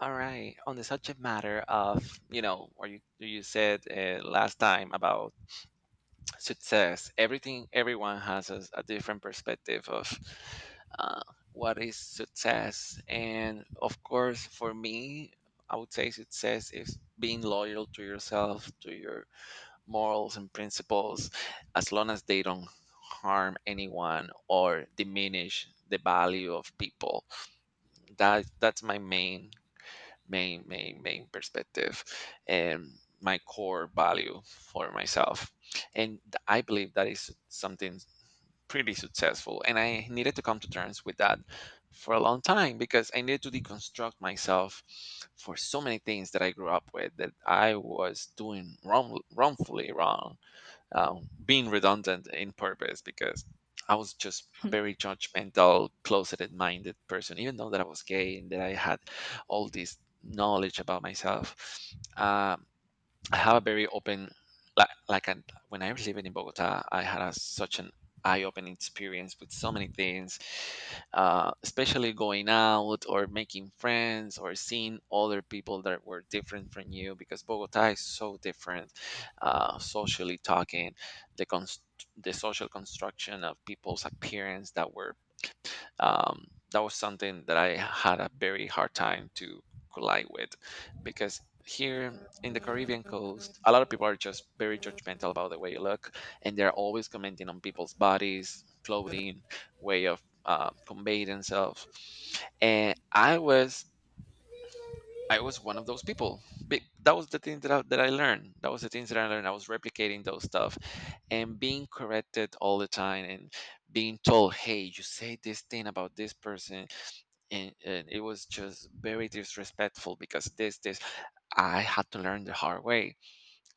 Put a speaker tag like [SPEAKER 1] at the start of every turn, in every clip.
[SPEAKER 1] All right. On the subject matter of, what you said last time about success, everyone has a different perspective of uh, what is success. And of course, for me, I would say success is being loyal to yourself, to your morals and principles, as long as they don't harm anyone or diminish the value of people. That's my main perspective and my core value for myself, and I believe that is something pretty successful, and I needed to come to terms with that for a long time because I needed to deconstruct myself for so many things that I grew up with, that I was doing wrongfully wrong, being redundant in purpose, because I was just a very judgmental, closeted-minded person, even though that I was gay and that I had all this knowledge about myself. Um, I have a very open, when I was living in Bogota, I had such an eye-opening experience with so many things, especially going out or making friends or seeing other people that were different from you, because Bogota is so different, socially talking, the cons- the social construction of people's appearance that was something that I had a very hard time to collide with, because here in the Caribbean coast, a lot of people are just very judgmental about the way you look, and they're always commenting on people's bodies, clothing, way of conveying themselves. And I was one of those people. That was the thing that I learned. That was the things that I learned. I was replicating those stuff and being corrected all the time and being told, "Hey, you say this thing about this person." And it was just very disrespectful because this, this. I had to learn the hard way,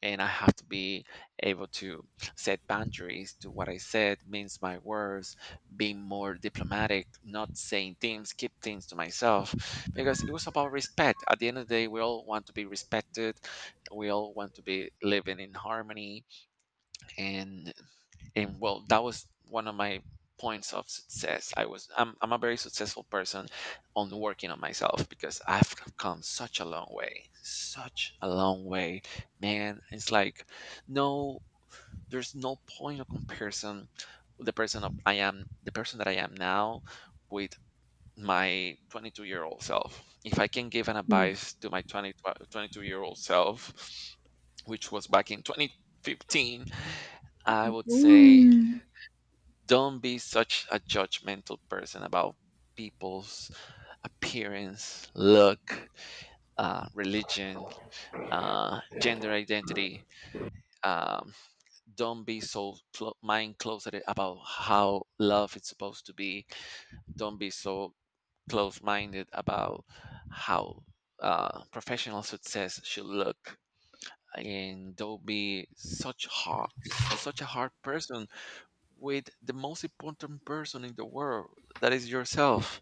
[SPEAKER 1] and I have to be able to set boundaries to what I said, means my words, being more diplomatic, not saying things, keep things to myself, because it was about respect. At the end of the day, we all want to be respected, we all want to be living in harmony, and and well, that was one of my points of success. I'm a very successful person on working on myself because I've come such a long way, such a long way, man. It's like, no, there's no point of comparison. The person of I am the person that I am now, with my 22-year-old self. If I can give an
[SPEAKER 2] Mm.
[SPEAKER 1] advice to my 22-year-old self, which was back in 2015, I would say,
[SPEAKER 2] Ooh.
[SPEAKER 1] don't be such a judgmental person about people's appearance, look, religion, gender identity. Um, don't be so mind closeted about how love is supposed to be. Don't be so close minded about how professional success should look. And don't be such a hard person with the most important person in the world, that is yourself.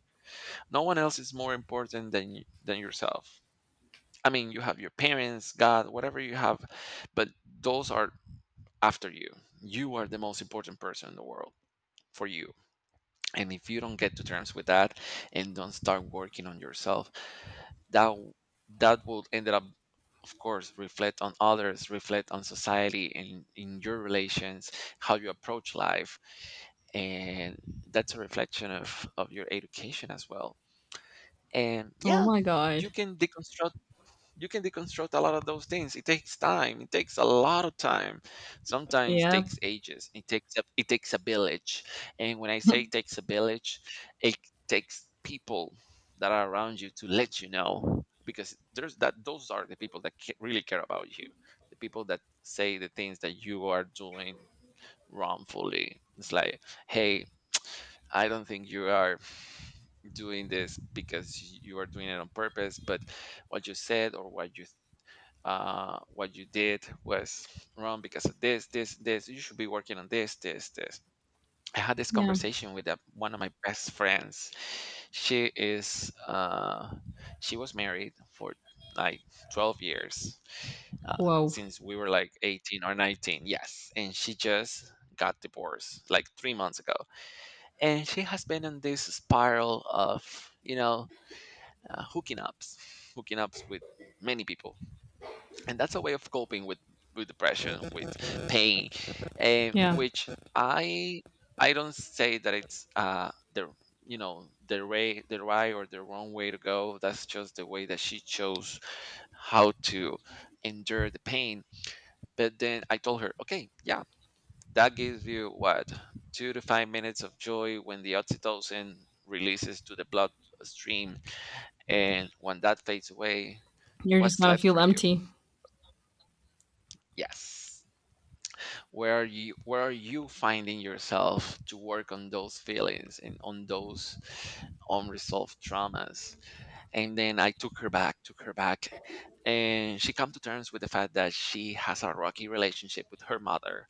[SPEAKER 1] No one else is more important than than yourself. I mean, you have your parents, God, whatever you have, but those are after you. You are the most important person in the world for you. And if you don't get to terms with that and don't start working on yourself, that w- that will end up, of course, reflect on others, reflect on society, and in your relations, how you approach life, and that's a reflection of your education as well. And
[SPEAKER 2] Oh
[SPEAKER 1] yeah,
[SPEAKER 2] my
[SPEAKER 1] you
[SPEAKER 2] god.
[SPEAKER 1] can deconstruct you can deconstruct a lot of those things. It takes time, it takes a lot of time, sometimes
[SPEAKER 2] Yeah.
[SPEAKER 1] takes ages, it takes a village. And when I say it takes a village, it takes people that are around you to let you know, because there's that those are the people that really care about you, the people that say the things that you are doing wrongfully. It's like, "Hey, I don't think you are doing this because you are doing it on purpose, but what you said or what you did was wrong because of this, this, this. You should be working on this, this, this." I had this
[SPEAKER 2] Yeah.
[SPEAKER 1] conversation with one of my best friends. She is, she was married for like 12 years,
[SPEAKER 2] Whoa.
[SPEAKER 1] since we were like 18 or 19. Yes. And she just got divorced like 3 months ago. And she has been in this spiral of, hooking ups with many people, and that's a way of coping with depression, with pain. And
[SPEAKER 2] Yeah.
[SPEAKER 1] which I don't say that it's the right or the wrong way to go. That's just the way that she chose how to endure the pain. But then I told her, "Okay, yeah, that gives you, what, 2 to 5 minutes of joy when the oxytocin releases to the blood stream, and when that fades away,
[SPEAKER 2] You're just
[SPEAKER 1] what's
[SPEAKER 2] gonna
[SPEAKER 1] left
[SPEAKER 2] feel
[SPEAKER 1] for you?"
[SPEAKER 2] empty.
[SPEAKER 1] Yes. Where are you finding yourself to work on those feelings and on those unresolved traumas? And then I took her back, took her back, and she come to terms with the fact that she has a rocky relationship with her mother.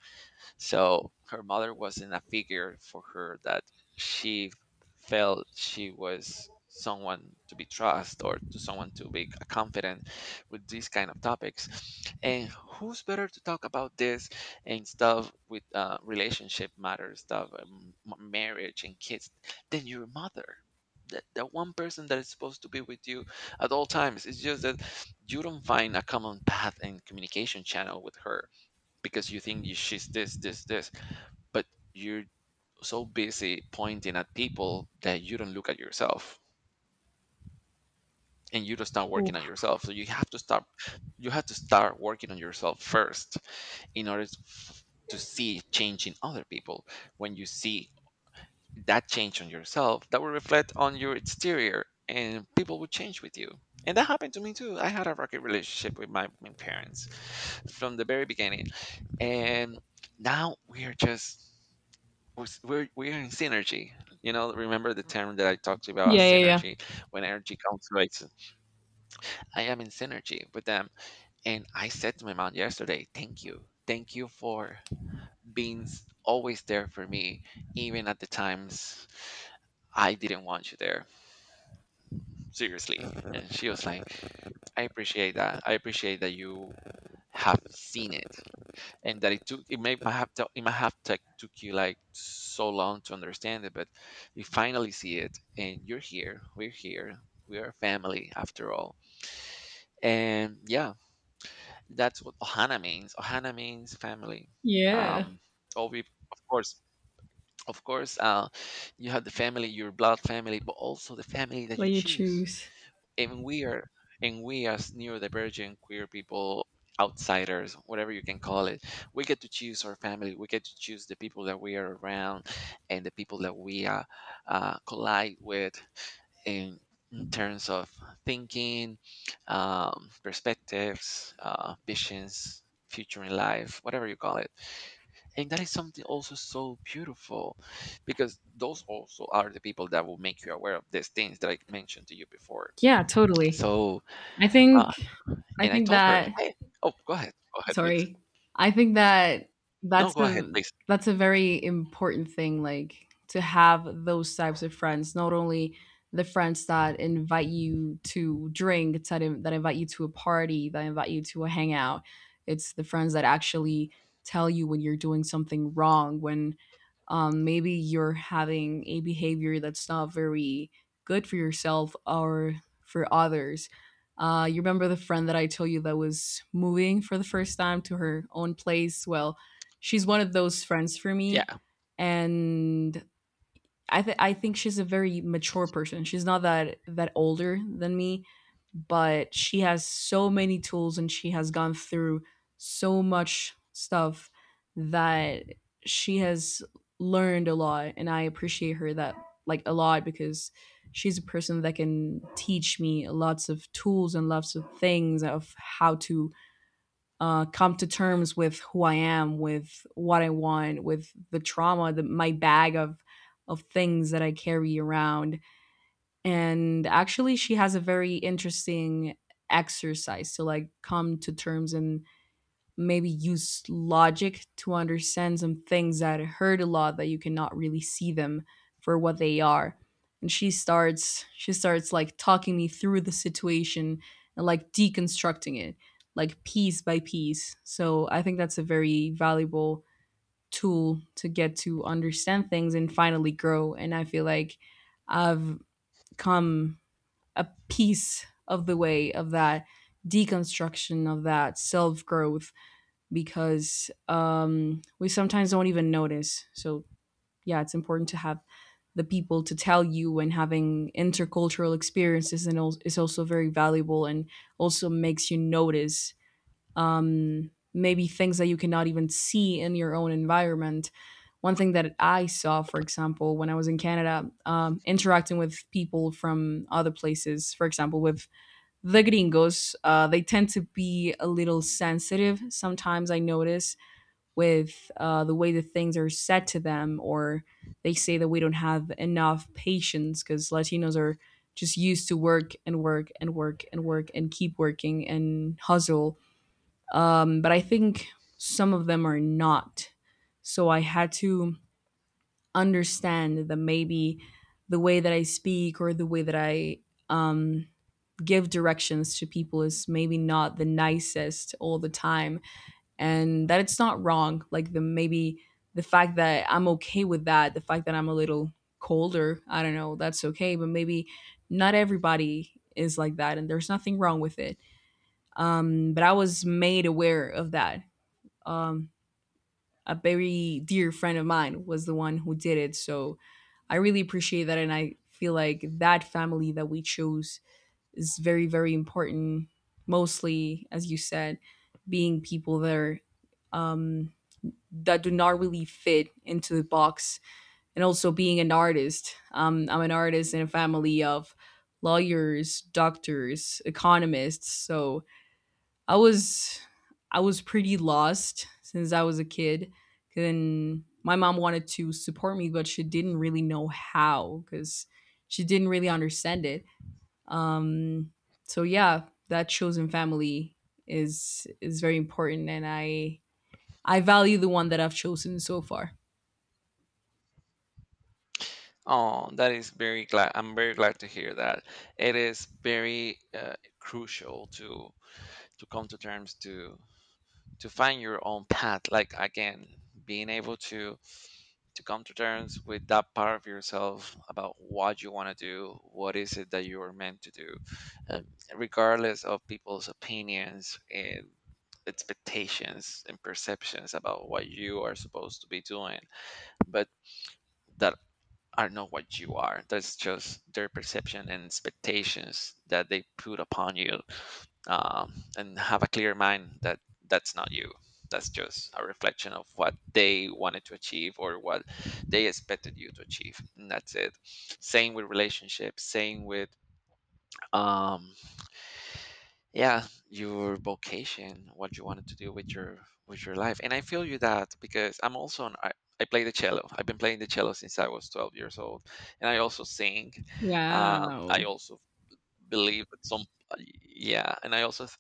[SPEAKER 1] So her mother wasn't a figure for her that she felt she was someone to be trust or to someone to be confident with these kind of topics. And who's better to talk about this and stuff, with relationship matters stuff, marriage and kids, than your mother? That one person that is supposed to be with you at all times. It's just that you don't find a common path and communication channel with her, because you think she's this, this, this, but you're so busy pointing at people that you don't look at yourself, and you don't start working on
[SPEAKER 2] Oof.
[SPEAKER 1] yourself. So you have to start working on yourself first in order to see change in other people. When you see that change on yourself, that will reflect on your exterior, and people will change with you. And that happened to me too. I had a rocky relationship with my parents from the very beginning. And now we are just we're in synergy. You know, remember the term that I talked to you about,
[SPEAKER 2] Yeah, yeah, yeah.
[SPEAKER 1] synergy, when energy conflicts. I am in synergy with them, and I said to my mom yesterday, thank you for being always there for me, even at the times I didn't want you there. Seriously." And she was like, "I appreciate that. I appreciate that you have seen it, and that it took it may might have to, it might have tech took you like so long to understand it, but you finally see it, and you're here. We're here. We are family after all. And yeah, that's what Ohana means. Ohana means family."
[SPEAKER 2] Yeah.
[SPEAKER 1] Um, oh, we of course, you have the family, your blood family, but also the family that
[SPEAKER 2] What
[SPEAKER 1] you
[SPEAKER 2] you
[SPEAKER 1] choose.
[SPEAKER 2] choose.
[SPEAKER 1] And we are and we as neurodivergent queer people, outsiders, whatever you can call it, we get to choose our family. We get to choose the people that we are around, and the people that we collide with in, in terms of thinking, perspectives, visions, future in life, whatever you call it. And that is something also so beautiful, because those also are the people that will make you aware of these things that I mentioned to you before.
[SPEAKER 2] Yeah, totally.
[SPEAKER 1] So,
[SPEAKER 2] I think
[SPEAKER 1] uh,
[SPEAKER 2] I
[SPEAKER 1] and I
[SPEAKER 2] think
[SPEAKER 1] told her,
[SPEAKER 2] that
[SPEAKER 1] "Hey, oh, go ahead, please.
[SPEAKER 2] Sorry. I think that
[SPEAKER 1] No,
[SPEAKER 2] that's
[SPEAKER 1] go ahead,
[SPEAKER 2] a
[SPEAKER 1] please."
[SPEAKER 2] that's a very important thing, like to have those types of friends. Not only the friends that invite you to drink, that invite you to a party, that invite you to a hangout. It's the friends that actually tell you when you're doing something wrong, when maybe you're having a behavior that's not very good for yourself or for others. You remember the friend that I told you that was moving for the first time to her own place? Well, she's one of those friends for me.
[SPEAKER 1] Yeah.
[SPEAKER 2] And I think she's a very mature person. She's not that older than me, but she has so many tools and she has gone through so much stuff that she has learned a lot, and I appreciate her that like a lot because she's a person that can teach me lots of tools and lots of things of how to come to terms with who I am, with what I want, with the trauma, my bag of things that I carry around. And actually, she has a very interesting exercise to like come to terms and maybe use logic to understand some things that hurt a lot that you cannot really see them for what they are. And she starts like talking me through the situation and like deconstructing it like piece by piece. So I think that's a very valuable tool to get to understand things and finally grow. And I feel like I've come a piece of the way of that deconstruction, of that self growth, because we sometimes don't even notice. So, yeah, it's important to have the people to tell you, and having intercultural experiences and is also very valuable and also makes you notice maybe things that you cannot even see in your own environment. One thing that I saw, for example, when I was in Canada, interacting with people from other places, for example, with the gringos, they tend to be a little sensitive sometimes, I notice, with the way that things are said to them. Or they say that we don't have enough patience because Latinos are just used to work and work and work and work and keep working and hustle. But I think some of them are not. So I had to understand that maybe the way that I speak or the way that I um, give directions to people is maybe not the nicest all the time, and that it's not wrong. Like, the maybe the fact that I'm okay with that, the fact that I'm a little colder, I don't know, that's okay. But maybe not everybody is like that, and there's nothing wrong with it. But I was made aware of that. Um, a very dear friend of mine was the one who did it, so I really appreciate that, and I feel like that family that we chose is very very important. Mostly, as you said, being people that are um, that do not really fit into the box. And also being an artist, I'm an artist in a family of lawyers, doctors, economists. So I was I was pretty lost since I was a kid. And my mom wanted to support me, but she didn't really know how because she didn't really understand it. Um, so yeah, that chosen family is very important, and I value the one that I've chosen so far.
[SPEAKER 1] Oh, that is very glad. I'm very glad to hear that. It is very crucial to come to terms, to find your own path. Like again, being able to come to terms with that part of yourself, about what you want to do, what is it that you are meant to do, um, regardless of people's opinions and expectations and perceptions about what you are supposed to be doing, but that are not what you are. That's just their perception and expectations that they put upon you, and have a clear mind that that's not you, that's just a reflection of what they wanted to achieve or what they expected you to achieve, and that's it. Same with relationships, same with, um yeah, your vocation, what you wanted to do with your life. And I feel you that, because I play the cello. I've been playing the cello since I was 12 years old, and I also sing. I
[SPEAKER 2] Wow.
[SPEAKER 1] also believe at some uh, yeah, and I also th-